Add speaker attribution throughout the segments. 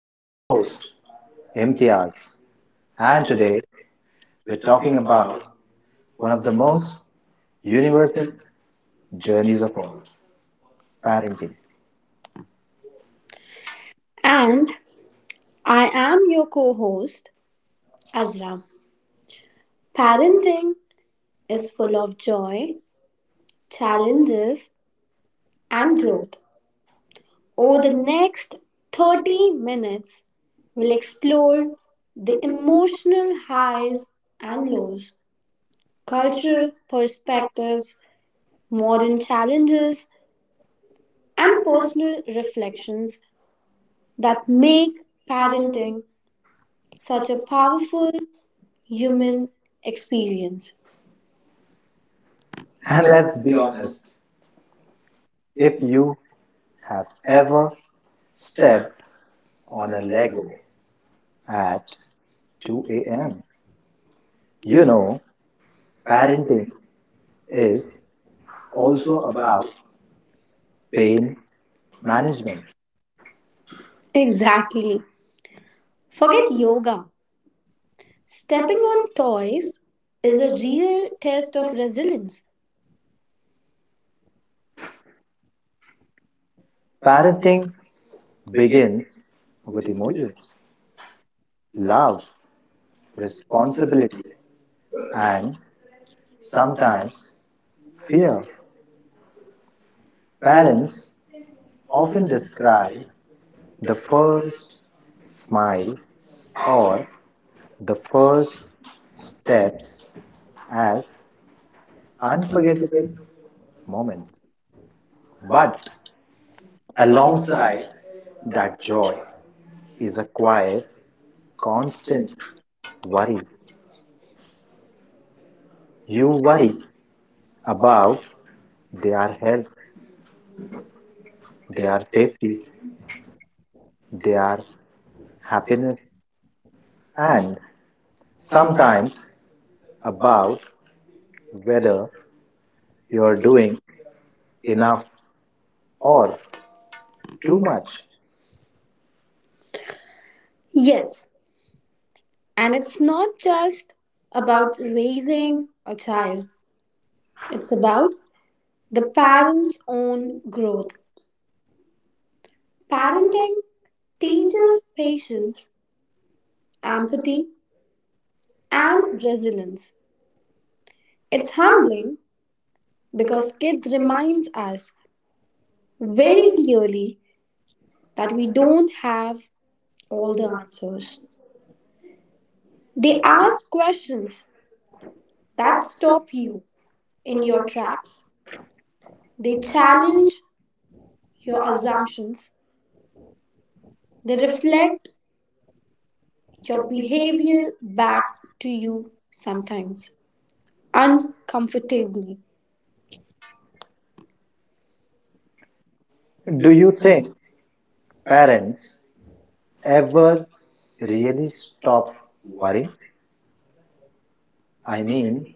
Speaker 1: I'm
Speaker 2: I'm
Speaker 1: your
Speaker 2: your host,
Speaker 1: host,
Speaker 2: Imtiaz,
Speaker 1: MTS, and
Speaker 2: and today we're
Speaker 1: we're
Speaker 2: talking
Speaker 1: talking
Speaker 2: about
Speaker 1: about one
Speaker 2: one
Speaker 1: of
Speaker 2: of
Speaker 1: the
Speaker 2: the most
Speaker 1: most
Speaker 2: universal
Speaker 1: universal
Speaker 2: journeys
Speaker 1: of
Speaker 2: of all
Speaker 1: all. Pa-
Speaker 2: parenting.
Speaker 1: And I am your co host, Azra.
Speaker 2: Balance
Speaker 1: Parenting
Speaker 2: is
Speaker 1: is full
Speaker 2: full of
Speaker 1: of joy,
Speaker 2: challenge
Speaker 1: challenges, and
Speaker 2: and growth.
Speaker 1: growth. Over
Speaker 2: Over
Speaker 1: the
Speaker 2: the next
Speaker 1: next 30 minutes, we'll
Speaker 2: we
Speaker 1: explore
Speaker 2: explore
Speaker 1: the
Speaker 2: the immense
Speaker 1: emotional
Speaker 2: highs
Speaker 1: highs and
Speaker 2: and lows
Speaker 1: lows, cultural perspectives,
Speaker 2: in
Speaker 1: modern
Speaker 2: modern time.
Speaker 1: challenges, and personal reflections that make
Speaker 2: Parents
Speaker 1: parenting such a powerful
Speaker 2: and human
Speaker 1: human experience. And
Speaker 2: And let's
Speaker 1: let's
Speaker 2: be
Speaker 1: be
Speaker 2: honest,
Speaker 1: honest,
Speaker 2: if you
Speaker 1: have
Speaker 2: have
Speaker 1: ever
Speaker 2: ever
Speaker 1: stepped
Speaker 2: stepped on
Speaker 1: on a
Speaker 2: a Lego
Speaker 1: Lego at
Speaker 2: at 2
Speaker 1: 2
Speaker 2: a.m.,
Speaker 1: a.m.? You
Speaker 2: you
Speaker 1: know,
Speaker 2: know parenting
Speaker 1: parenting
Speaker 2: is
Speaker 1: is
Speaker 2: also
Speaker 1: also
Speaker 2: about
Speaker 1: about pain
Speaker 2: pain
Speaker 1: management.
Speaker 2: management. Exactly.
Speaker 1: Exactly. Forget
Speaker 2: Forget this.
Speaker 1: yoga. Stepping on toys is a real test of resilience.
Speaker 2: Parenting
Speaker 1: Biggest
Speaker 2: begins with emotion,
Speaker 1: love,
Speaker 2: love, responsibility,
Speaker 1: respect,
Speaker 2: and
Speaker 1: and
Speaker 2: sometimes
Speaker 1: sometimes fear.
Speaker 2: fear.
Speaker 1: Parents
Speaker 2: Parents
Speaker 1: often
Speaker 2: often
Speaker 1: describe
Speaker 2: describe
Speaker 1: the
Speaker 2: the first
Speaker 1: first smile
Speaker 2: smile
Speaker 1: or
Speaker 2: or the first steps
Speaker 1: steps as
Speaker 2: as unforgettable
Speaker 1: unforgettable,
Speaker 2: moments.
Speaker 1: but
Speaker 2: But alongside
Speaker 1: alongside that
Speaker 2: that joy
Speaker 1: joy
Speaker 2: is
Speaker 1: is
Speaker 2: a quiet, constant
Speaker 1: change what
Speaker 2: worry. You
Speaker 1: you like
Speaker 2: worry
Speaker 1: about
Speaker 2: about their health,
Speaker 1: their
Speaker 2: their safety,
Speaker 1: activity
Speaker 2: their happiness,
Speaker 1: and
Speaker 2: and sometimes
Speaker 1: sometimes about
Speaker 2: about whether
Speaker 1: your
Speaker 2: you're doing
Speaker 1: enough
Speaker 2: enough or
Speaker 1: too
Speaker 2: too much.
Speaker 1: much.
Speaker 2: Yes,
Speaker 1: Yes, and
Speaker 2: and
Speaker 1: it's
Speaker 2: it's
Speaker 1: not just
Speaker 2: not
Speaker 1: about
Speaker 2: about the great
Speaker 1: raising a
Speaker 2: child.
Speaker 1: child, it's
Speaker 2: It's about
Speaker 1: about the
Speaker 2: the parent
Speaker 1: parent's own
Speaker 2: and
Speaker 1: growth.
Speaker 2: growth. Parenting
Speaker 1: Parenting teaches
Speaker 2: teaches patience,
Speaker 1: patience,
Speaker 2: empathy,
Speaker 1: empathy, and
Speaker 2: and
Speaker 1: resilience.
Speaker 2: It
Speaker 1: It's
Speaker 2: It's be
Speaker 1: humbling
Speaker 2: because
Speaker 1: because
Speaker 2: kids
Speaker 1: kids
Speaker 2: demand
Speaker 1: reminds us very
Speaker 2: very
Speaker 1: clearly that
Speaker 2: that
Speaker 1: we
Speaker 2: we don't
Speaker 1: don't have all the
Speaker 2: hold on.
Speaker 1: answers. They
Speaker 2: They ask
Speaker 1: ask questions that
Speaker 2: that
Speaker 1: stop
Speaker 2: speed
Speaker 1: you in
Speaker 2: in
Speaker 1: your
Speaker 2: your tracks.
Speaker 1: tracks. They
Speaker 2: They
Speaker 1: challenge
Speaker 2: challenge
Speaker 1: your
Speaker 2: your assumptions.
Speaker 1: assumptions. They
Speaker 2: They reflect
Speaker 1: reflect your
Speaker 2: your behavior
Speaker 1: behavior back
Speaker 2: back
Speaker 1: to you sometimes,
Speaker 2: and
Speaker 1: uncomfortably.
Speaker 2: do you think parents ever really stop
Speaker 1: Why
Speaker 2: worrying? I mean,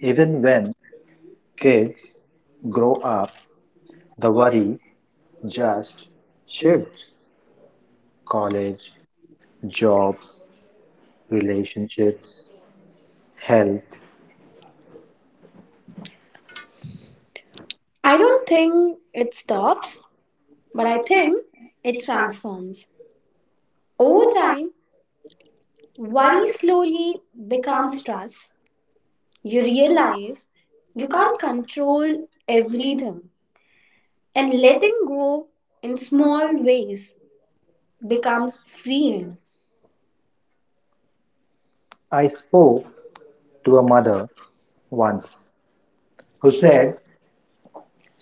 Speaker 1: even
Speaker 2: even when kids
Speaker 1: Kate
Speaker 2: grow
Speaker 1: could
Speaker 2: up, the worry just
Speaker 1: just
Speaker 2: shifts.
Speaker 1: shifts college,
Speaker 2: College,
Speaker 1: jobs,
Speaker 2: job, relationships,
Speaker 1: relationships, health,
Speaker 2: health.
Speaker 1: I
Speaker 2: I
Speaker 1: don't
Speaker 2: don't think,
Speaker 1: think it stops. But
Speaker 2: but
Speaker 1: I
Speaker 2: I think
Speaker 1: think it
Speaker 2: it's
Speaker 1: transforms. Over
Speaker 2: over time,
Speaker 1: time, worry
Speaker 2: one
Speaker 1: slowly becomes
Speaker 2: becomes strong,
Speaker 1: stress. You
Speaker 2: realizes
Speaker 1: realize you
Speaker 2: you
Speaker 1: can't
Speaker 2: can't control
Speaker 1: control
Speaker 2: everything,
Speaker 1: everything, and
Speaker 2: and let it
Speaker 1: letting go in
Speaker 2: in
Speaker 1: small
Speaker 2: small
Speaker 1: ways
Speaker 2: becomes
Speaker 1: becomes
Speaker 2: freeing.
Speaker 1: freeing.
Speaker 2: I spoke to a mother once
Speaker 1: Once, who
Speaker 2: who
Speaker 1: said
Speaker 2: said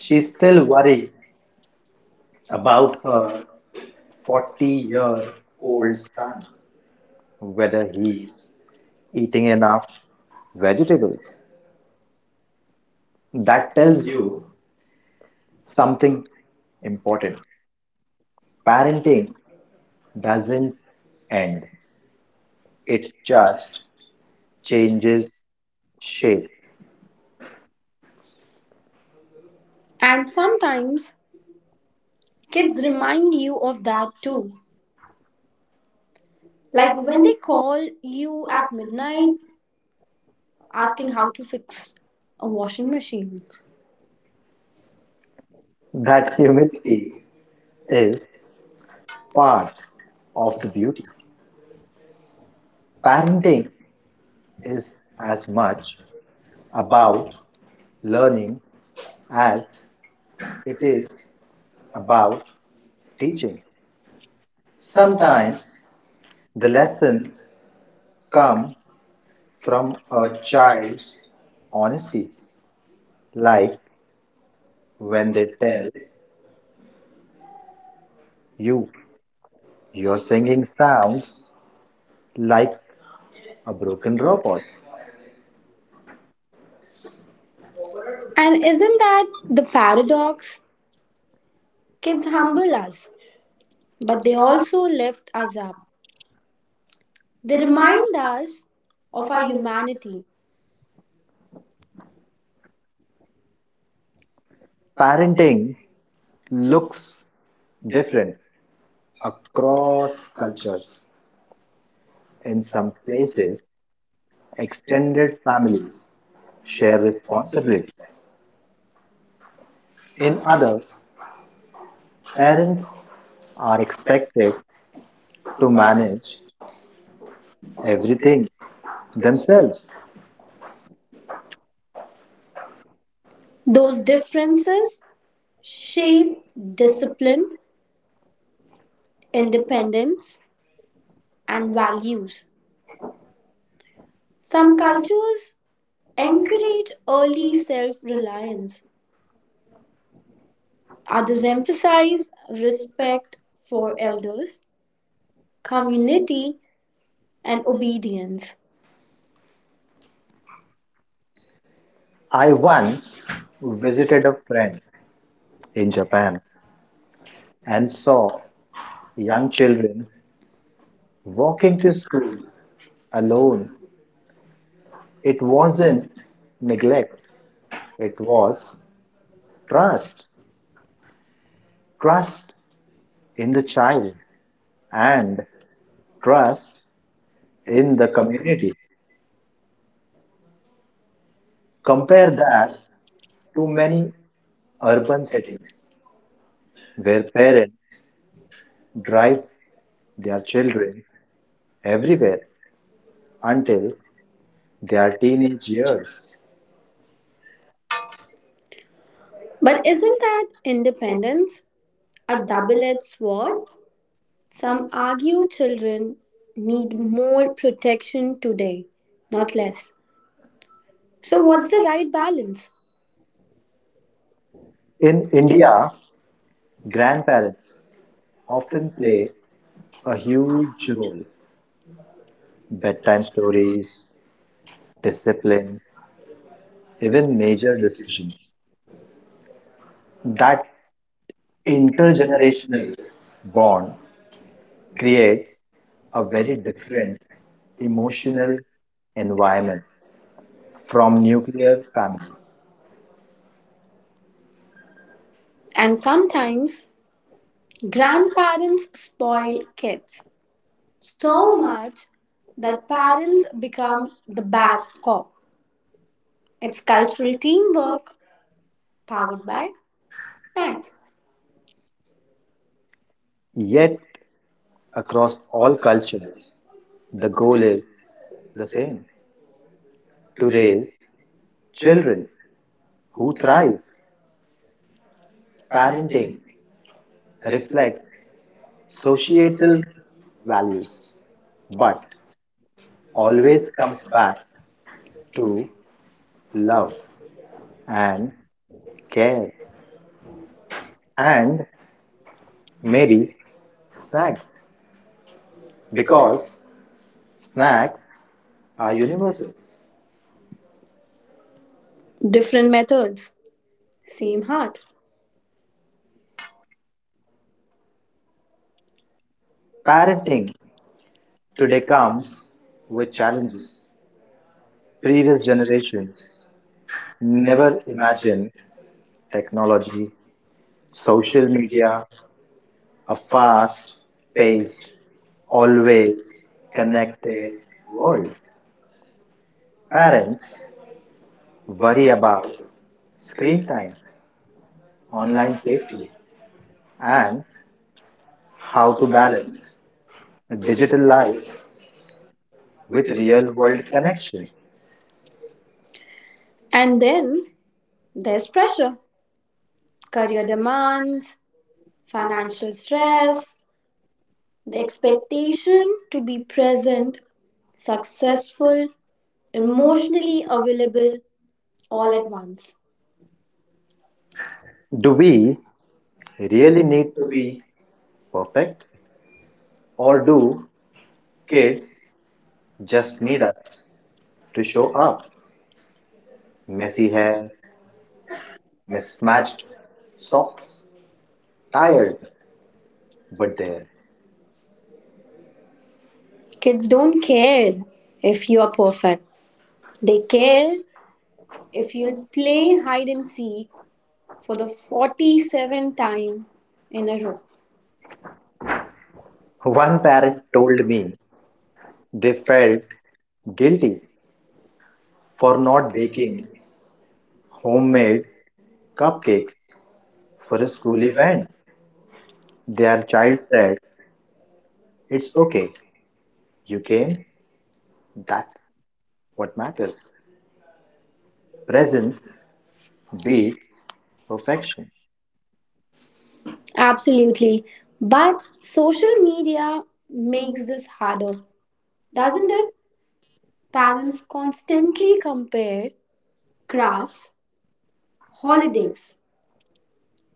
Speaker 2: she's still worried about her
Speaker 1: uh, for
Speaker 2: 40 year
Speaker 1: her old
Speaker 2: old son,
Speaker 1: son.
Speaker 2: whether he's
Speaker 1: Is it
Speaker 2: eating enough vegetables. That tells
Speaker 1: tells
Speaker 2: you
Speaker 1: you something,
Speaker 2: something important. Parenting doesn't
Speaker 1: and
Speaker 2: end,
Speaker 1: it
Speaker 2: it just
Speaker 1: change
Speaker 2: changes
Speaker 1: shape.
Speaker 2: shape.
Speaker 1: And
Speaker 2: And
Speaker 1: sometimes
Speaker 2: kids
Speaker 1: kids remind you of that
Speaker 2: love
Speaker 1: too. Like
Speaker 2: like
Speaker 1: when
Speaker 2: when
Speaker 1: they
Speaker 2: you
Speaker 1: call you
Speaker 2: at
Speaker 1: at midnight
Speaker 2: midnight
Speaker 1: asking
Speaker 2: asking
Speaker 1: how
Speaker 2: how
Speaker 1: to fix a
Speaker 2: I'm
Speaker 1: washing
Speaker 2: washing.
Speaker 1: machine.
Speaker 2: That
Speaker 1: That
Speaker 2: humility
Speaker 1: humility
Speaker 2: is
Speaker 1: is
Speaker 2: part
Speaker 1: part
Speaker 2: of
Speaker 1: of
Speaker 2: the
Speaker 1: the
Speaker 2: beauty.
Speaker 1: beauty.
Speaker 2: Parenting
Speaker 1: Parenting
Speaker 2: is
Speaker 1: is
Speaker 2: as
Speaker 1: much
Speaker 2: much about
Speaker 1: about
Speaker 2: learning
Speaker 1: love
Speaker 2: as
Speaker 1: as
Speaker 2: it
Speaker 1: it
Speaker 2: is
Speaker 1: is
Speaker 2: about
Speaker 1: about teaching.
Speaker 2: teaching. Sometimes
Speaker 1: Sometimes
Speaker 2: the lessons
Speaker 1: lessons come
Speaker 2: come from
Speaker 1: from
Speaker 2: a
Speaker 1: a
Speaker 2: child's
Speaker 1: child's honesty,
Speaker 2: honesty, like
Speaker 1: like when
Speaker 2: when they
Speaker 1: they
Speaker 2: tell
Speaker 1: tell
Speaker 2: you
Speaker 1: you are
Speaker 2: your
Speaker 1: singing
Speaker 2: singing sounds
Speaker 1: sounds like
Speaker 2: like a
Speaker 1: a
Speaker 2: broken
Speaker 1: broken robot.
Speaker 2: robot.
Speaker 1: And
Speaker 2: And isn't
Speaker 1: isn't that the paradox? Kids
Speaker 2: kids humble?
Speaker 1: humble us, but
Speaker 2: But
Speaker 1: they
Speaker 2: they all
Speaker 1: also lift us up. They
Speaker 2: they remind
Speaker 1: remind us of our humanity.
Speaker 2: parenting looks different across
Speaker 1: Across
Speaker 2: cultures.
Speaker 1: cultures and
Speaker 2: In some places, extended families
Speaker 1: families
Speaker 2: share
Speaker 1: share
Speaker 2: responsibility.
Speaker 1: responsibility.
Speaker 2: In
Speaker 1: In
Speaker 2: others,
Speaker 1: others, parents
Speaker 2: parents are
Speaker 1: are expected
Speaker 2: expected to
Speaker 1: to
Speaker 2: manage
Speaker 1: manage their
Speaker 2: everything themselves.
Speaker 1: those differences shape discipline, independence, and values. Some cultures encourage early self reliance, others emphasize respect for elders, community, and obedience.
Speaker 2: I once visited a friend
Speaker 1: Friend
Speaker 2: in Japan and saw
Speaker 1: saw a young
Speaker 2: young
Speaker 1: child
Speaker 2: children walking
Speaker 1: walking
Speaker 2: to
Speaker 1: to
Speaker 2: school
Speaker 1: school.
Speaker 2: alone. It
Speaker 1: It
Speaker 2: wasn't
Speaker 1: wasn't
Speaker 2: neglect, it was
Speaker 1: trust,
Speaker 2: trust. Trust
Speaker 1: trust in
Speaker 2: in the child
Speaker 1: and
Speaker 2: and
Speaker 1: trust
Speaker 2: trust in the
Speaker 1: community
Speaker 2: community. Compare
Speaker 1: compared
Speaker 2: that
Speaker 1: that
Speaker 2: to
Speaker 1: to many
Speaker 2: many
Speaker 1: other
Speaker 2: urban settings
Speaker 1: settings.
Speaker 2: where parents drive their children
Speaker 1: There
Speaker 2: everywhere
Speaker 1: are
Speaker 2: until their teenage years.
Speaker 1: years. But
Speaker 2: But
Speaker 1: isn't that independence a
Speaker 2: a
Speaker 1: double
Speaker 2: double
Speaker 1: edged sword?
Speaker 2: word,
Speaker 1: Some
Speaker 2: some
Speaker 1: argue
Speaker 2: are
Speaker 1: children need
Speaker 2: used.
Speaker 1: more protection today, not less. So,
Speaker 2: So
Speaker 1: what's
Speaker 2: what
Speaker 1: the right balance?
Speaker 2: the in India,
Speaker 1: India
Speaker 2: grandparents often
Speaker 1: often
Speaker 2: play
Speaker 1: play a
Speaker 2: a
Speaker 1: huge
Speaker 2: huge
Speaker 1: role
Speaker 2: role. Bedtime stories, discipline,
Speaker 1: in
Speaker 2: even major
Speaker 1: education.
Speaker 2: decisions. That intergenerational
Speaker 1: Intergenerational
Speaker 2: bond
Speaker 1: create
Speaker 2: creates a very
Speaker 1: a different
Speaker 2: different
Speaker 1: emotionally
Speaker 2: emotional environment from
Speaker 1: from their
Speaker 2: nuclear families.
Speaker 1: parents. And sometimes grandparents spoil
Speaker 2: When
Speaker 1: kids so
Speaker 2: trauma,
Speaker 1: much that parents
Speaker 2: parents bounce
Speaker 1: become the bad
Speaker 2: back
Speaker 1: cop.
Speaker 2: and
Speaker 1: It's cultural
Speaker 2: culturally
Speaker 1: teamwork
Speaker 2: comes
Speaker 1: powered
Speaker 2: back.
Speaker 1: by
Speaker 2: Then,
Speaker 1: snacks. Yet,
Speaker 2: yet, across
Speaker 1: across
Speaker 2: all
Speaker 1: all
Speaker 2: cultures,
Speaker 1: cultures, the
Speaker 2: the
Speaker 1: goal
Speaker 2: goal is
Speaker 1: is the
Speaker 2: the
Speaker 1: same
Speaker 2: same
Speaker 1: to
Speaker 2: to
Speaker 1: raise
Speaker 2: raise
Speaker 1: children
Speaker 2: children
Speaker 1: who
Speaker 2: who
Speaker 1: thrive.
Speaker 2: thrive. Parenting
Speaker 1: Parenting
Speaker 2: reflects
Speaker 1: reflects societal
Speaker 2: societal values,
Speaker 1: values,
Speaker 2: but
Speaker 1: but
Speaker 2: always
Speaker 1: always. This
Speaker 2: comes
Speaker 1: comes
Speaker 2: back to
Speaker 1: to love,
Speaker 2: love and
Speaker 1: care,
Speaker 2: care
Speaker 1: and
Speaker 2: and
Speaker 1: make
Speaker 2: maybe snacks
Speaker 1: snacks. Because
Speaker 2: because snacks
Speaker 1: snacks
Speaker 2: are
Speaker 1: are
Speaker 2: universal.
Speaker 1: universal. Different methods, same heart. Parents
Speaker 2: Parenting today comes
Speaker 1: with
Speaker 2: with challenges.
Speaker 1: three
Speaker 2: Previous generation
Speaker 1: generations
Speaker 2: never
Speaker 1: imagine
Speaker 2: imagined
Speaker 1: tech
Speaker 2: technology,
Speaker 1: so
Speaker 2: social
Speaker 1: a
Speaker 2: media, a fast-paced,
Speaker 1: fast-paced, always
Speaker 2: always connected
Speaker 1: connected world.
Speaker 2: world.
Speaker 1: Parents
Speaker 2: Parents worry about
Speaker 1: about screen
Speaker 2: screen
Speaker 1: time,
Speaker 2: time,
Speaker 1: online
Speaker 2: online safety,
Speaker 1: safety, and
Speaker 2: and how
Speaker 1: how
Speaker 2: to
Speaker 1: to
Speaker 2: balance
Speaker 1: balance
Speaker 2: a digital life
Speaker 1: life with
Speaker 2: with
Speaker 1: real
Speaker 2: real world
Speaker 1: world connection.
Speaker 2: connection.
Speaker 1: And
Speaker 2: And they
Speaker 1: then there's
Speaker 2: express
Speaker 1: pressure, career
Speaker 2: career development,
Speaker 1: demands,
Speaker 2: financial
Speaker 1: financial
Speaker 2: wealth,
Speaker 1: stress,
Speaker 2: the
Speaker 1: the
Speaker 2: expectations,
Speaker 1: expectation to be present,
Speaker 2: success,
Speaker 1: successful,
Speaker 2: emotion,
Speaker 1: emotionally available all
Speaker 2: all
Speaker 1: at
Speaker 2: at once.
Speaker 1: once.
Speaker 2: Do we really need to
Speaker 1: To
Speaker 2: be
Speaker 1: be
Speaker 2: perfect or
Speaker 1: or
Speaker 2: do
Speaker 1: do kids
Speaker 2: kids just need
Speaker 1: need
Speaker 2: us
Speaker 1: us to
Speaker 2: to show
Speaker 1: show
Speaker 2: up?
Speaker 1: up messy,
Speaker 2: Messy hair, mismatched
Speaker 1: mismatched
Speaker 2: socks,
Speaker 1: socks, tired,
Speaker 2: tired, but
Speaker 1: but they
Speaker 2: there.
Speaker 1: never. Kids don't care if you are perfect,
Speaker 2: They
Speaker 1: they
Speaker 2: care
Speaker 1: care
Speaker 2: if
Speaker 1: if you'll
Speaker 2: you play
Speaker 1: play
Speaker 2: hard
Speaker 1: hide and seek for
Speaker 2: for
Speaker 1: the
Speaker 2: the 40s.
Speaker 1: 47th time in a row.
Speaker 2: One parent told
Speaker 1: Told me
Speaker 2: me they felt guilty for
Speaker 1: for
Speaker 2: not baking
Speaker 1: making
Speaker 2: homemade
Speaker 1: homemade cup
Speaker 2: cupcakes for
Speaker 1: for a
Speaker 2: a school
Speaker 1: school event.
Speaker 2: event. Their child said, it's
Speaker 1: It
Speaker 2: okay, you
Speaker 1: UK
Speaker 2: came. That's what matters.
Speaker 1: matters.
Speaker 2: Presence beats
Speaker 1: Beats perfection.
Speaker 2: perfection. At
Speaker 1: Absolutely. But social
Speaker 2: social
Speaker 1: media
Speaker 2: media
Speaker 1: makes this
Speaker 2: are
Speaker 1: harder,
Speaker 2: doesn't
Speaker 1: doesn't it?
Speaker 2: it? Parents
Speaker 1: Parents
Speaker 2: constantly
Speaker 1: constantly compare
Speaker 2: grab
Speaker 1: crafts,
Speaker 2: holidays,
Speaker 1: holidays,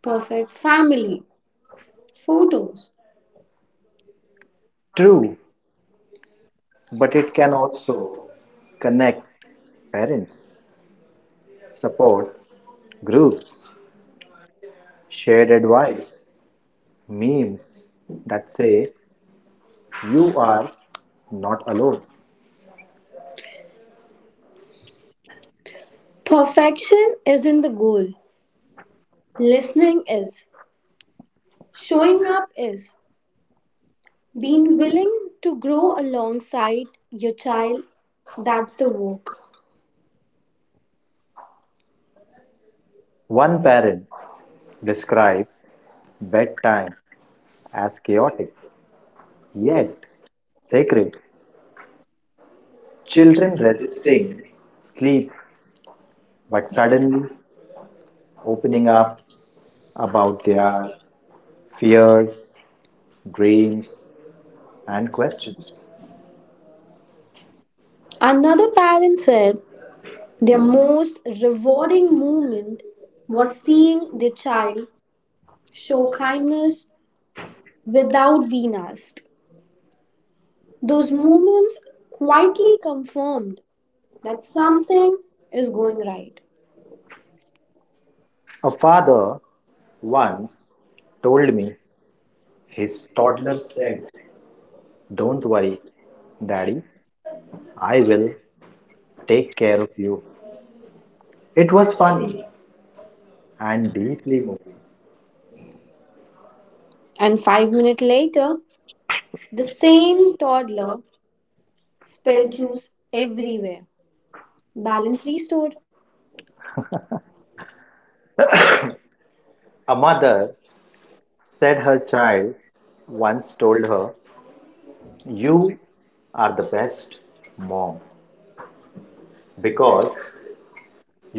Speaker 2: perfect
Speaker 1: perfect
Speaker 2: family,
Speaker 1: family,
Speaker 2: photos.
Speaker 1: photos. True,
Speaker 2: True, but
Speaker 1: but it
Speaker 2: it can
Speaker 1: can
Speaker 2: also
Speaker 1: also
Speaker 2: connect
Speaker 1: connect
Speaker 2: parents,
Speaker 1: parents,
Speaker 2: support
Speaker 1: support
Speaker 2: groups,
Speaker 1: groups,
Speaker 2: shared
Speaker 1: shared
Speaker 2: advice,
Speaker 1: advice.
Speaker 2: memes that
Speaker 1: That
Speaker 2: say,
Speaker 1: say you
Speaker 2: you are
Speaker 1: are
Speaker 2: not alone. Perfect
Speaker 1: perfection isn't the goal.
Speaker 2: listening,
Speaker 1: Listening is.
Speaker 2: showing
Speaker 1: Showing up
Speaker 2: her
Speaker 1: is.
Speaker 2: we
Speaker 1: Being
Speaker 2: will
Speaker 1: willing to grow
Speaker 2: show
Speaker 1: alongside your
Speaker 2: a child
Speaker 1: child,
Speaker 2: that
Speaker 1: that's the
Speaker 2: too.
Speaker 1: work. One
Speaker 2: One parent described bedtime as chaotic
Speaker 1: yet
Speaker 2: yet sacred.
Speaker 1: sacred.
Speaker 2: Children
Speaker 1: Children
Speaker 2: resting,
Speaker 1: resisting
Speaker 2: sleep,
Speaker 1: sleep but
Speaker 2: but
Speaker 1: suddenly
Speaker 2: suddenly opening
Speaker 1: opening
Speaker 2: up
Speaker 1: up
Speaker 2: about
Speaker 1: about
Speaker 2: their
Speaker 1: their
Speaker 2: fears,
Speaker 1: fears,
Speaker 2: dreams,
Speaker 1: dreams,
Speaker 2: and
Speaker 1: and
Speaker 2: questions.
Speaker 1: questions. Another
Speaker 2: Another
Speaker 1: parent said their most rewarding
Speaker 2: rewarding
Speaker 1: moment was
Speaker 2: was
Speaker 1: seeing their
Speaker 2: child
Speaker 1: child show
Speaker 2: show kind
Speaker 1: kindness
Speaker 2: without
Speaker 1: without being asked. Those
Speaker 2: those new
Speaker 1: moments
Speaker 2: quietly
Speaker 1: quietly confirmed that
Speaker 2: something
Speaker 1: something
Speaker 2: is
Speaker 1: is going
Speaker 2: going.
Speaker 1: right.
Speaker 2: A father once told
Speaker 1: Told
Speaker 2: me his
Speaker 1: his toddler
Speaker 2: toddlers,
Speaker 1: said,
Speaker 2: don't
Speaker 1: "Don't
Speaker 2: worry,
Speaker 1: worry,
Speaker 2: daddy,
Speaker 1: I
Speaker 2: I
Speaker 1: will
Speaker 2: will
Speaker 1: take
Speaker 2: take care
Speaker 1: care
Speaker 2: of
Speaker 1: of you."
Speaker 2: you. It
Speaker 1: It
Speaker 2: was
Speaker 1: was
Speaker 2: fun
Speaker 1: funny and
Speaker 2: and deeply moving.
Speaker 1: moving. And 5 minutes later, the same toddler spilled juice everywhere. Balance restored.
Speaker 2: A mother said her child once told her, you
Speaker 1: You
Speaker 2: are
Speaker 1: are
Speaker 2: the
Speaker 1: the
Speaker 2: best
Speaker 1: best mom
Speaker 2: mom because
Speaker 1: because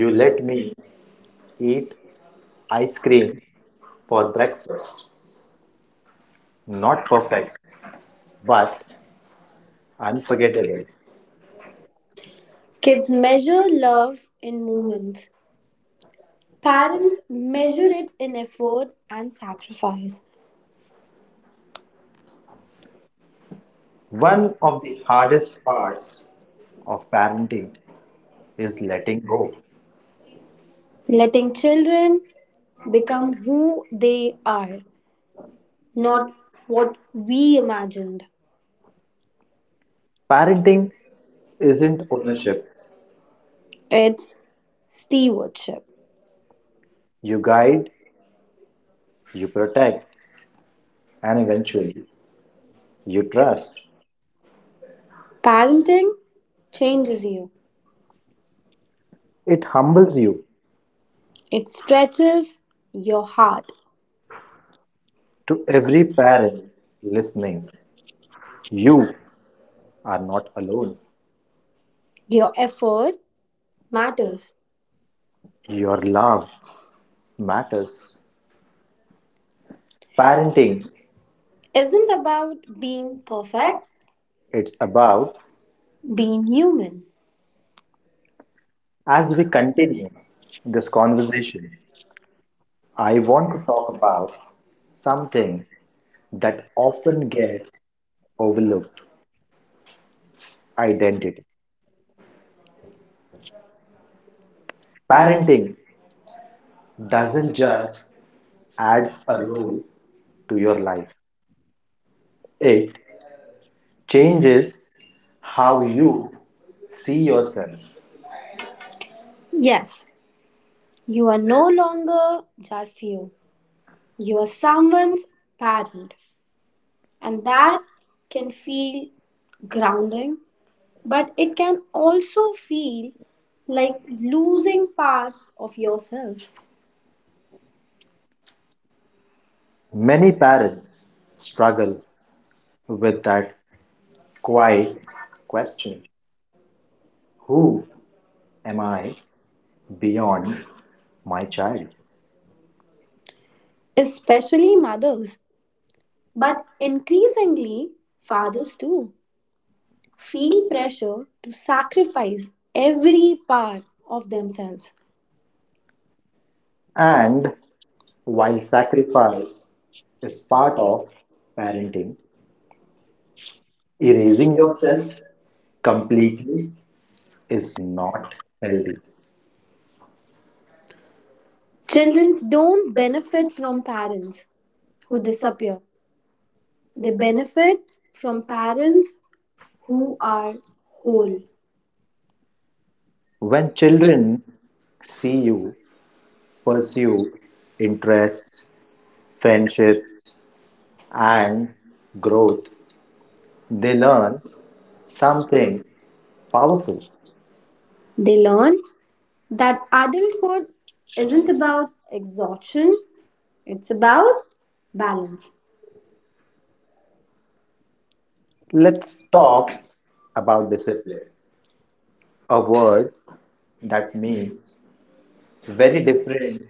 Speaker 1: you
Speaker 2: let
Speaker 1: let
Speaker 2: me
Speaker 1: me
Speaker 2: eat
Speaker 1: eat
Speaker 2: ice
Speaker 1: ice cream
Speaker 2: cream for
Speaker 1: for
Speaker 2: breakfast.
Speaker 1: breakfast. Not
Speaker 2: Not perfect,
Speaker 1: perfect, but
Speaker 2: but
Speaker 1: unforgettable.
Speaker 2: unforgettable.
Speaker 1: Kids measure love in moments. Parents measure it in effort and sacrifice. One
Speaker 2: One
Speaker 1: of
Speaker 2: of the
Speaker 1: the
Speaker 2: hardest
Speaker 1: hardest
Speaker 2: parts
Speaker 1: parts
Speaker 2: of parenting
Speaker 1: is
Speaker 2: is
Speaker 1: letting
Speaker 2: letting
Speaker 1: go.
Speaker 2: go.
Speaker 1: Letting children become
Speaker 2: Becomes
Speaker 1: who they are, not
Speaker 2: not what
Speaker 1: what we
Speaker 2: we imagine.
Speaker 1: imagined.
Speaker 2: Parenting isn't
Speaker 1: Ownership,
Speaker 2: ownership.
Speaker 1: it's stewardship.
Speaker 2: You guide, you protect, and eventually
Speaker 1: Actually,
Speaker 2: you
Speaker 1: you
Speaker 2: trust.
Speaker 1: trust.
Speaker 2: Parenting
Speaker 1: Parenting changes
Speaker 2: changes
Speaker 1: you,
Speaker 2: it humbles you
Speaker 1: it stretches your
Speaker 2: your heart.
Speaker 1: heart.
Speaker 2: To
Speaker 1: To
Speaker 2: every
Speaker 1: every
Speaker 2: parent
Speaker 1: parent
Speaker 2: listening.
Speaker 1: listening, you
Speaker 2: You are
Speaker 1: are
Speaker 2: not
Speaker 1: not
Speaker 2: alone.
Speaker 1: alone. Your
Speaker 2: Your effort
Speaker 1: effort
Speaker 2: matters.
Speaker 1: matters.
Speaker 2: Your love matters. Parenting,
Speaker 1: Parenting
Speaker 2: it isn't
Speaker 1: isn't
Speaker 2: about
Speaker 1: about
Speaker 2: being
Speaker 1: being perfect,
Speaker 2: perfect. It's about
Speaker 1: being human.
Speaker 2: as we continue this conversation,
Speaker 1: Conversation,
Speaker 2: I
Speaker 1: I
Speaker 2: want
Speaker 1: want
Speaker 2: to
Speaker 1: to talk
Speaker 2: talk about
Speaker 1: about something
Speaker 2: something that
Speaker 1: that
Speaker 2: often
Speaker 1: often
Speaker 2: gets
Speaker 1: gets
Speaker 2: overlooked identity. Parenting
Speaker 1: parenting
Speaker 2: doesn't just
Speaker 1: just
Speaker 2: add a
Speaker 1: a
Speaker 2: role
Speaker 1: role to
Speaker 2: to your life, it
Speaker 1: it
Speaker 2: changes
Speaker 1: changes
Speaker 2: how
Speaker 1: how
Speaker 2: you
Speaker 1: you
Speaker 2: see
Speaker 1: see
Speaker 2: yourself.
Speaker 1: yourself. Yes, you are no longer just you. You are
Speaker 2: You know,
Speaker 1: someone's
Speaker 2: bad,
Speaker 1: parent,
Speaker 2: and
Speaker 1: and
Speaker 2: that
Speaker 1: that can
Speaker 2: can feel
Speaker 1: feel
Speaker 2: grounded,
Speaker 1: grounding,
Speaker 2: but
Speaker 1: but
Speaker 2: it
Speaker 1: it can
Speaker 2: can also
Speaker 1: also
Speaker 2: feel
Speaker 1: feel
Speaker 2: like
Speaker 1: like
Speaker 2: losing
Speaker 1: losing
Speaker 2: part
Speaker 1: parts of
Speaker 2: yourself.
Speaker 1: yourself.
Speaker 2: Many parents struggle with that quiet
Speaker 1: Quite
Speaker 2: question
Speaker 1: who
Speaker 2: who am
Speaker 1: am
Speaker 2: I?
Speaker 1: I
Speaker 2: Beyond
Speaker 1: beyond
Speaker 2: my
Speaker 1: my
Speaker 2: child.
Speaker 1: child? Especially mothers, but
Speaker 2: But it seems that
Speaker 1: increasingly
Speaker 2: fathers
Speaker 1: fathers too,
Speaker 2: feel
Speaker 1: feel
Speaker 2: pressure
Speaker 1: pressure to
Speaker 2: to sacrifice
Speaker 1: sacrifice
Speaker 2: everything
Speaker 1: every part of
Speaker 2: for themselves.
Speaker 1: themselves. And
Speaker 2: And while
Speaker 1: while
Speaker 2: sacrifice
Speaker 1: sacrifice
Speaker 2: is
Speaker 1: is
Speaker 2: part
Speaker 1: part
Speaker 2: of
Speaker 1: of
Speaker 2: parenting,
Speaker 1: parenting,
Speaker 2: erasing
Speaker 1: erasing
Speaker 2: yourself
Speaker 1: yourself
Speaker 2: completely
Speaker 1: completely
Speaker 2: is
Speaker 1: is
Speaker 2: not
Speaker 1: not healthy.
Speaker 2: healthy.
Speaker 1: Children
Speaker 2: Children
Speaker 1: don't benefit from
Speaker 2: are
Speaker 1: parents who
Speaker 2: who become
Speaker 1: disappear they benefit from
Speaker 2: parents
Speaker 1: parents
Speaker 2: who
Speaker 1: who
Speaker 2: are
Speaker 1: are whole.
Speaker 2: old. When children see you pursue
Speaker 1: Pursue interest,
Speaker 2: interests, friendship,
Speaker 1: faith, and
Speaker 2: and growth,
Speaker 1: growth.
Speaker 2: they
Speaker 1: They learn
Speaker 2: learn something
Speaker 1: something
Speaker 2: powerful.
Speaker 1: powerful. They learn
Speaker 2: That
Speaker 1: that
Speaker 2: art
Speaker 1: adulthood isn't
Speaker 2: isn't about
Speaker 1: about
Speaker 2: option,
Speaker 1: exhaustion,
Speaker 2: it's
Speaker 1: it's about
Speaker 2: about balance.
Speaker 1: balance.
Speaker 2: Let's talk about discipline, a word that
Speaker 1: Discipline
Speaker 2: means
Speaker 1: means
Speaker 2: very
Speaker 1: very
Speaker 2: different
Speaker 1: different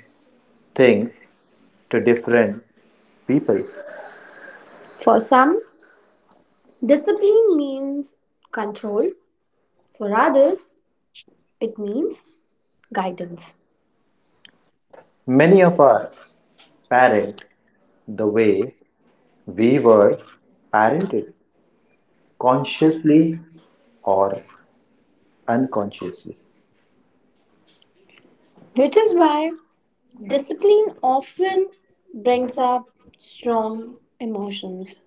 Speaker 2: things
Speaker 1: things
Speaker 2: to
Speaker 1: to
Speaker 2: different people.
Speaker 1: people. For
Speaker 2: For some,
Speaker 1: some,
Speaker 2: discipline is
Speaker 1: discipline means control.
Speaker 2: control, for
Speaker 1: For
Speaker 2: others,
Speaker 1: others,
Speaker 2: it
Speaker 1: it
Speaker 2: means
Speaker 1: means guidance.
Speaker 2: many of us parent the
Speaker 1: They
Speaker 2: way we were
Speaker 1: waver
Speaker 2: parented,
Speaker 1: and
Speaker 2: consciously
Speaker 1: consciously or
Speaker 2: or unconsciously.
Speaker 1: unconsciously.
Speaker 2: Which
Speaker 1: Which
Speaker 2: is
Speaker 1: is
Speaker 2: why
Speaker 1: why
Speaker 2: discipline
Speaker 1: discipline often
Speaker 2: brings
Speaker 1: brings
Speaker 2: us
Speaker 1: up
Speaker 2: strong
Speaker 1: strong emotions.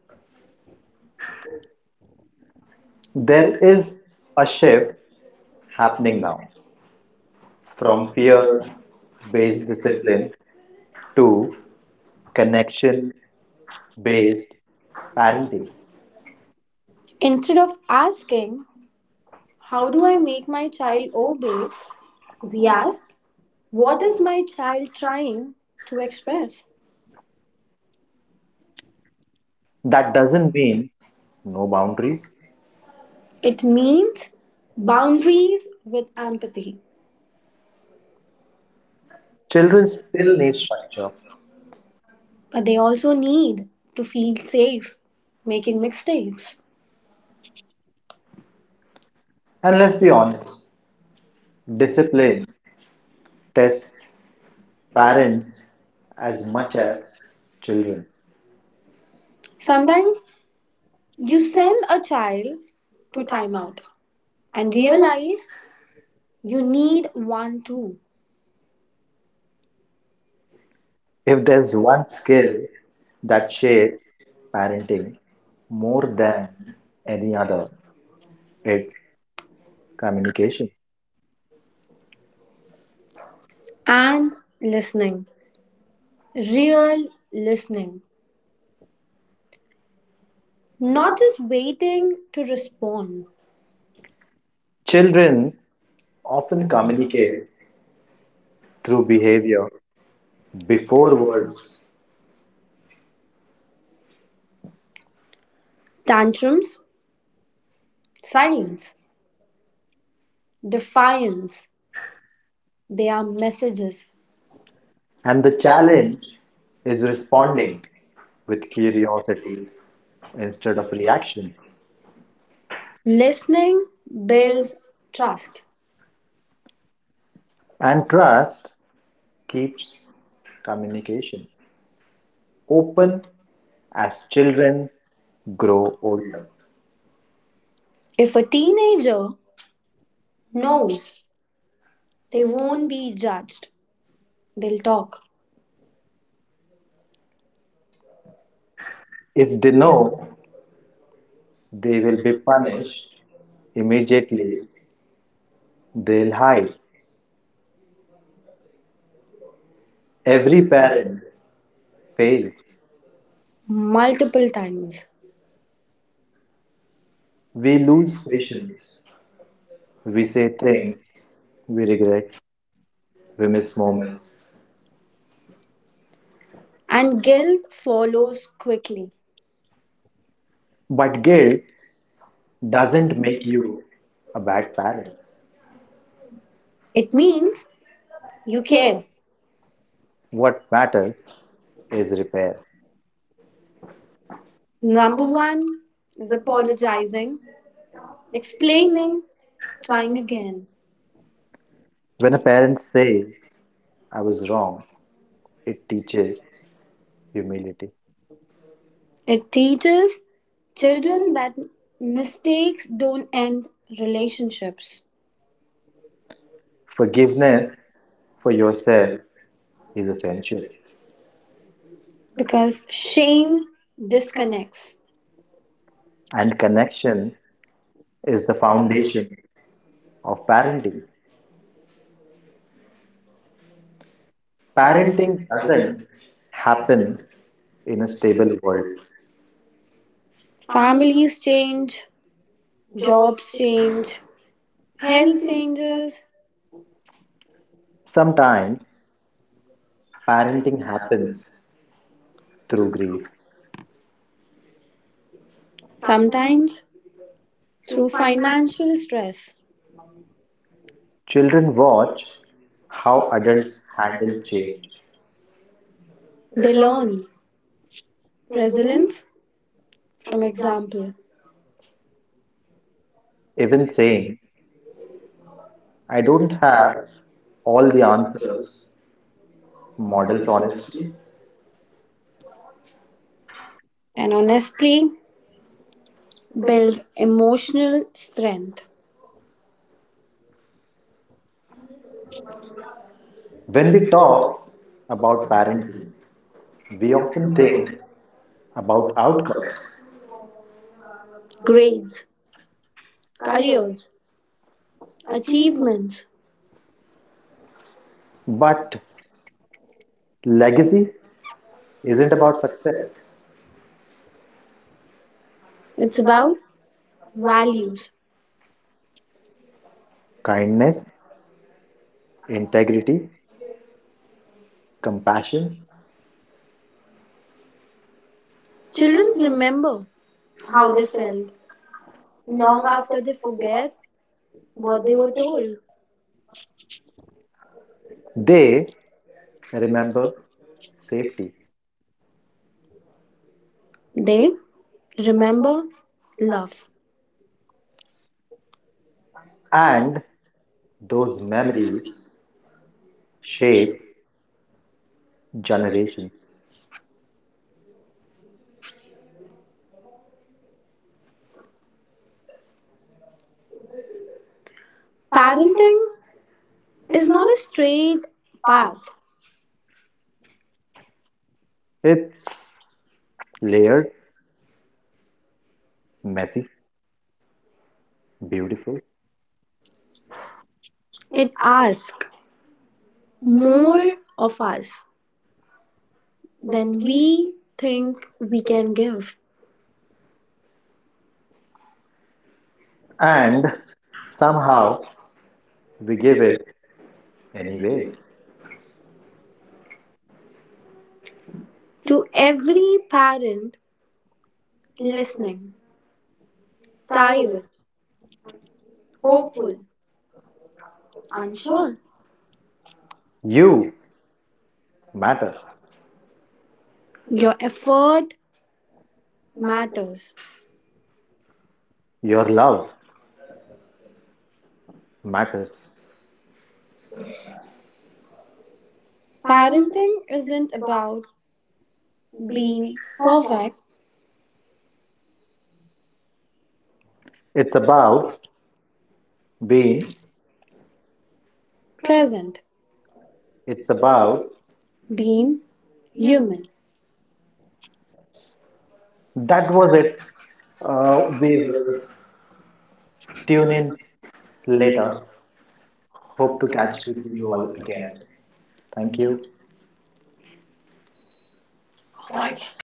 Speaker 2: there
Speaker 1: There
Speaker 2: is
Speaker 1: is
Speaker 2: a
Speaker 1: a
Speaker 2: shift
Speaker 1: shift
Speaker 2: happening now. From
Speaker 1: from
Speaker 2: fear
Speaker 1: fear
Speaker 2: based
Speaker 1: based
Speaker 2: discipline
Speaker 1: discipline
Speaker 2: to
Speaker 1: to
Speaker 2: connection
Speaker 1: connection based
Speaker 2: based parenting.
Speaker 1: and instead of asking,
Speaker 2: How
Speaker 1: "How do
Speaker 2: do I
Speaker 1: I
Speaker 2: make
Speaker 1: make my
Speaker 2: side
Speaker 1: child obey?" We
Speaker 2: yes,
Speaker 1: ask,
Speaker 2: what
Speaker 1: "What
Speaker 2: is
Speaker 1: is
Speaker 2: my
Speaker 1: my child
Speaker 2: child
Speaker 1: trying to
Speaker 2: strength?
Speaker 1: express?"
Speaker 2: That doesn't mean no boundaries. It's
Speaker 1: It means
Speaker 2: boundaries
Speaker 1: boundaries with
Speaker 2: and
Speaker 1: empathy.
Speaker 2: children still need structure.
Speaker 1: But they also need to feel safe making mistakes.
Speaker 2: And let's be
Speaker 1: Be
Speaker 2: honest,
Speaker 1: honest,
Speaker 2: discipline tests
Speaker 1: test
Speaker 2: parents
Speaker 1: parents
Speaker 2: as
Speaker 1: as
Speaker 2: much
Speaker 1: much
Speaker 2: as
Speaker 1: as
Speaker 2: children.
Speaker 1: children.
Speaker 2: Sometimes
Speaker 1: Sometimes you
Speaker 2: you self
Speaker 1: send a child
Speaker 2: to
Speaker 1: to
Speaker 2: time out
Speaker 1: timeout
Speaker 2: and
Speaker 1: and
Speaker 2: realize
Speaker 1: realize
Speaker 2: you
Speaker 1: you
Speaker 2: need
Speaker 1: need one too.
Speaker 2: if there's one skill
Speaker 1: Care
Speaker 2: that shapes parenting, more than any other, it's communication.
Speaker 1: and listening. Real listening. Not
Speaker 2: Not just
Speaker 1: just waiting to respond.
Speaker 2: children often communicate through behavior before words,
Speaker 1: Tantrums,
Speaker 2: fine,
Speaker 1: silence,
Speaker 2: fine.
Speaker 1: defiance. They are messages.
Speaker 2: And the challenge is responding with curiosity instead of reaction.
Speaker 1: Listening
Speaker 2: Praise,
Speaker 1: builds
Speaker 2: trust.
Speaker 1: trust.
Speaker 2: And trust keeps communication
Speaker 1: Open,
Speaker 2: open as
Speaker 1: as children
Speaker 2: children
Speaker 1: grow
Speaker 2: grow older.
Speaker 1: older.
Speaker 2: If
Speaker 1: If a
Speaker 2: a teacher
Speaker 1: teenager
Speaker 2: knows
Speaker 1: knows
Speaker 2: they
Speaker 1: they won't
Speaker 2: won't
Speaker 1: be judged, they'll talk.
Speaker 2: if they
Speaker 1: No,
Speaker 2: know they
Speaker 1: they
Speaker 2: will be
Speaker 1: will
Speaker 2: punished
Speaker 1: punish
Speaker 2: immediately,
Speaker 1: immediately.
Speaker 2: they'll
Speaker 1: They
Speaker 2: hide.
Speaker 1: lie.
Speaker 2: Every
Speaker 1: Every
Speaker 2: parent
Speaker 1: parent
Speaker 2: fails.
Speaker 1: fails. Multiple times.
Speaker 2: We
Speaker 1: We
Speaker 2: lose
Speaker 1: lose
Speaker 2: patience.
Speaker 1: patience
Speaker 2: We
Speaker 1: with
Speaker 2: say things
Speaker 1: things,
Speaker 2: we regret. We miss
Speaker 1: think
Speaker 2: moments.
Speaker 1: moments. And guilt follows quickly.
Speaker 2: But guilt
Speaker 1: Guilt
Speaker 2: doesn't
Speaker 1: doesn't
Speaker 2: make
Speaker 1: make
Speaker 2: you
Speaker 1: you
Speaker 2: a
Speaker 1: a
Speaker 2: bad parent.
Speaker 1: parent. It
Speaker 2: Means
Speaker 1: means you
Speaker 2: we care.
Speaker 1: care.
Speaker 2: What matters is repair. Number
Speaker 1: Number
Speaker 2: one,
Speaker 1: one is
Speaker 2: apologize.
Speaker 1: apologizing,
Speaker 2: Explain
Speaker 1: explaining, trying
Speaker 2: Chinese
Speaker 1: again.
Speaker 2: when a parent says, I was wrong, it teaches humility.
Speaker 1: It teaches children
Speaker 2: Children
Speaker 1: that
Speaker 2: mistake
Speaker 1: mistakes don't end relationships. Forgive
Speaker 2: forgiveness
Speaker 1: less
Speaker 2: for
Speaker 1: for
Speaker 2: yourself
Speaker 1: yourself
Speaker 2: is essential,
Speaker 1: because
Speaker 2: things
Speaker 1: shame disconnects.
Speaker 2: and
Speaker 1: And
Speaker 2: connection
Speaker 1: connection
Speaker 2: is
Speaker 1: is
Speaker 2: the
Speaker 1: the
Speaker 2: foundation
Speaker 1: foundation
Speaker 2: of
Speaker 1: of
Speaker 2: parenting.
Speaker 1: parenting.
Speaker 2: Parenting
Speaker 1: Parenting
Speaker 2: doesn't
Speaker 1: doesn't
Speaker 2: happen
Speaker 1: happen
Speaker 2: in a
Speaker 1: in a
Speaker 2: stable
Speaker 1: stable
Speaker 2: world.
Speaker 1: world. Families change, jobs change, health changes,
Speaker 2: Sometimes parenting happens
Speaker 1: happens
Speaker 2: through
Speaker 1: through
Speaker 2: grief.
Speaker 1: play, sometimes through financial stress.
Speaker 2: Children
Speaker 1: Children
Speaker 2: watch
Speaker 1: watch
Speaker 2: how
Speaker 1: how
Speaker 2: adults
Speaker 1: adults
Speaker 2: handle
Speaker 1: handle
Speaker 2: change.
Speaker 1: change, they learn resilience from example.
Speaker 2: Even
Speaker 1: Saying,
Speaker 2: saying, I
Speaker 1: "I
Speaker 2: don't
Speaker 1: don't
Speaker 2: have
Speaker 1: have
Speaker 2: all the
Speaker 1: the
Speaker 2: answers,
Speaker 1: answers,"
Speaker 2: models
Speaker 1: models
Speaker 2: honesty.
Speaker 1: honesty. And honestly builds emotional strength.
Speaker 2: When we talk
Speaker 1: Talk
Speaker 2: about parenting,
Speaker 1: parenting.
Speaker 2: we
Speaker 1: We
Speaker 2: often
Speaker 1: often
Speaker 2: think
Speaker 1: think
Speaker 2: about
Speaker 1: about
Speaker 2: outcomes,
Speaker 1: outcomes, grades, careers, achievements.
Speaker 2: but
Speaker 1: But
Speaker 2: legacy isn't about success,
Speaker 1: success.
Speaker 2: it's
Speaker 1: It's about
Speaker 2: about values.
Speaker 1: values.
Speaker 2: Kindness, integrity, compassion.
Speaker 1: Children remember how
Speaker 2: How they
Speaker 1: they
Speaker 2: felt
Speaker 1: felt
Speaker 2: long
Speaker 1: long
Speaker 2: after
Speaker 1: after they
Speaker 2: they forget
Speaker 1: forget
Speaker 2: what
Speaker 1: what
Speaker 2: they
Speaker 1: they
Speaker 2: were
Speaker 1: were
Speaker 2: thinking.
Speaker 1: told.
Speaker 2: They remember safety,
Speaker 1: They remember love,
Speaker 2: and those memories
Speaker 1: values, shame,
Speaker 2: shape generations. Parents
Speaker 1: parenting
Speaker 2: is
Speaker 1: is not a
Speaker 2: not
Speaker 1: straight
Speaker 2: a bad.
Speaker 1: path,
Speaker 2: It's layered, messy, beautiful,
Speaker 1: it asks more of us than we think we can give.
Speaker 2: and somehow
Speaker 1: Somehow,
Speaker 2: we give it anyway.
Speaker 1: anyway. To every parent
Speaker 2: Less
Speaker 1: listening,
Speaker 2: tired,
Speaker 1: tired,
Speaker 2: hopeful,
Speaker 1: hopeful,
Speaker 2: unsure.
Speaker 1: unsure,
Speaker 2: You matter.
Speaker 1: your effort
Speaker 2: Matter.
Speaker 1: matters.
Speaker 2: Your love matters.
Speaker 1: Parenting isn't about being perfect,
Speaker 2: It's about being.
Speaker 1: present,
Speaker 2: It's about.
Speaker 1: being
Speaker 2: You.
Speaker 1: human.
Speaker 2: That was it. We
Speaker 1: We
Speaker 2: will
Speaker 1: will
Speaker 2: tune in later.
Speaker 1: later
Speaker 2: Hope to catch
Speaker 1: catch with
Speaker 2: you
Speaker 1: you
Speaker 2: all
Speaker 1: all
Speaker 2: again.
Speaker 1: again.
Speaker 2: Thank
Speaker 1: Thank
Speaker 2: you.
Speaker 1: you. Oh my God.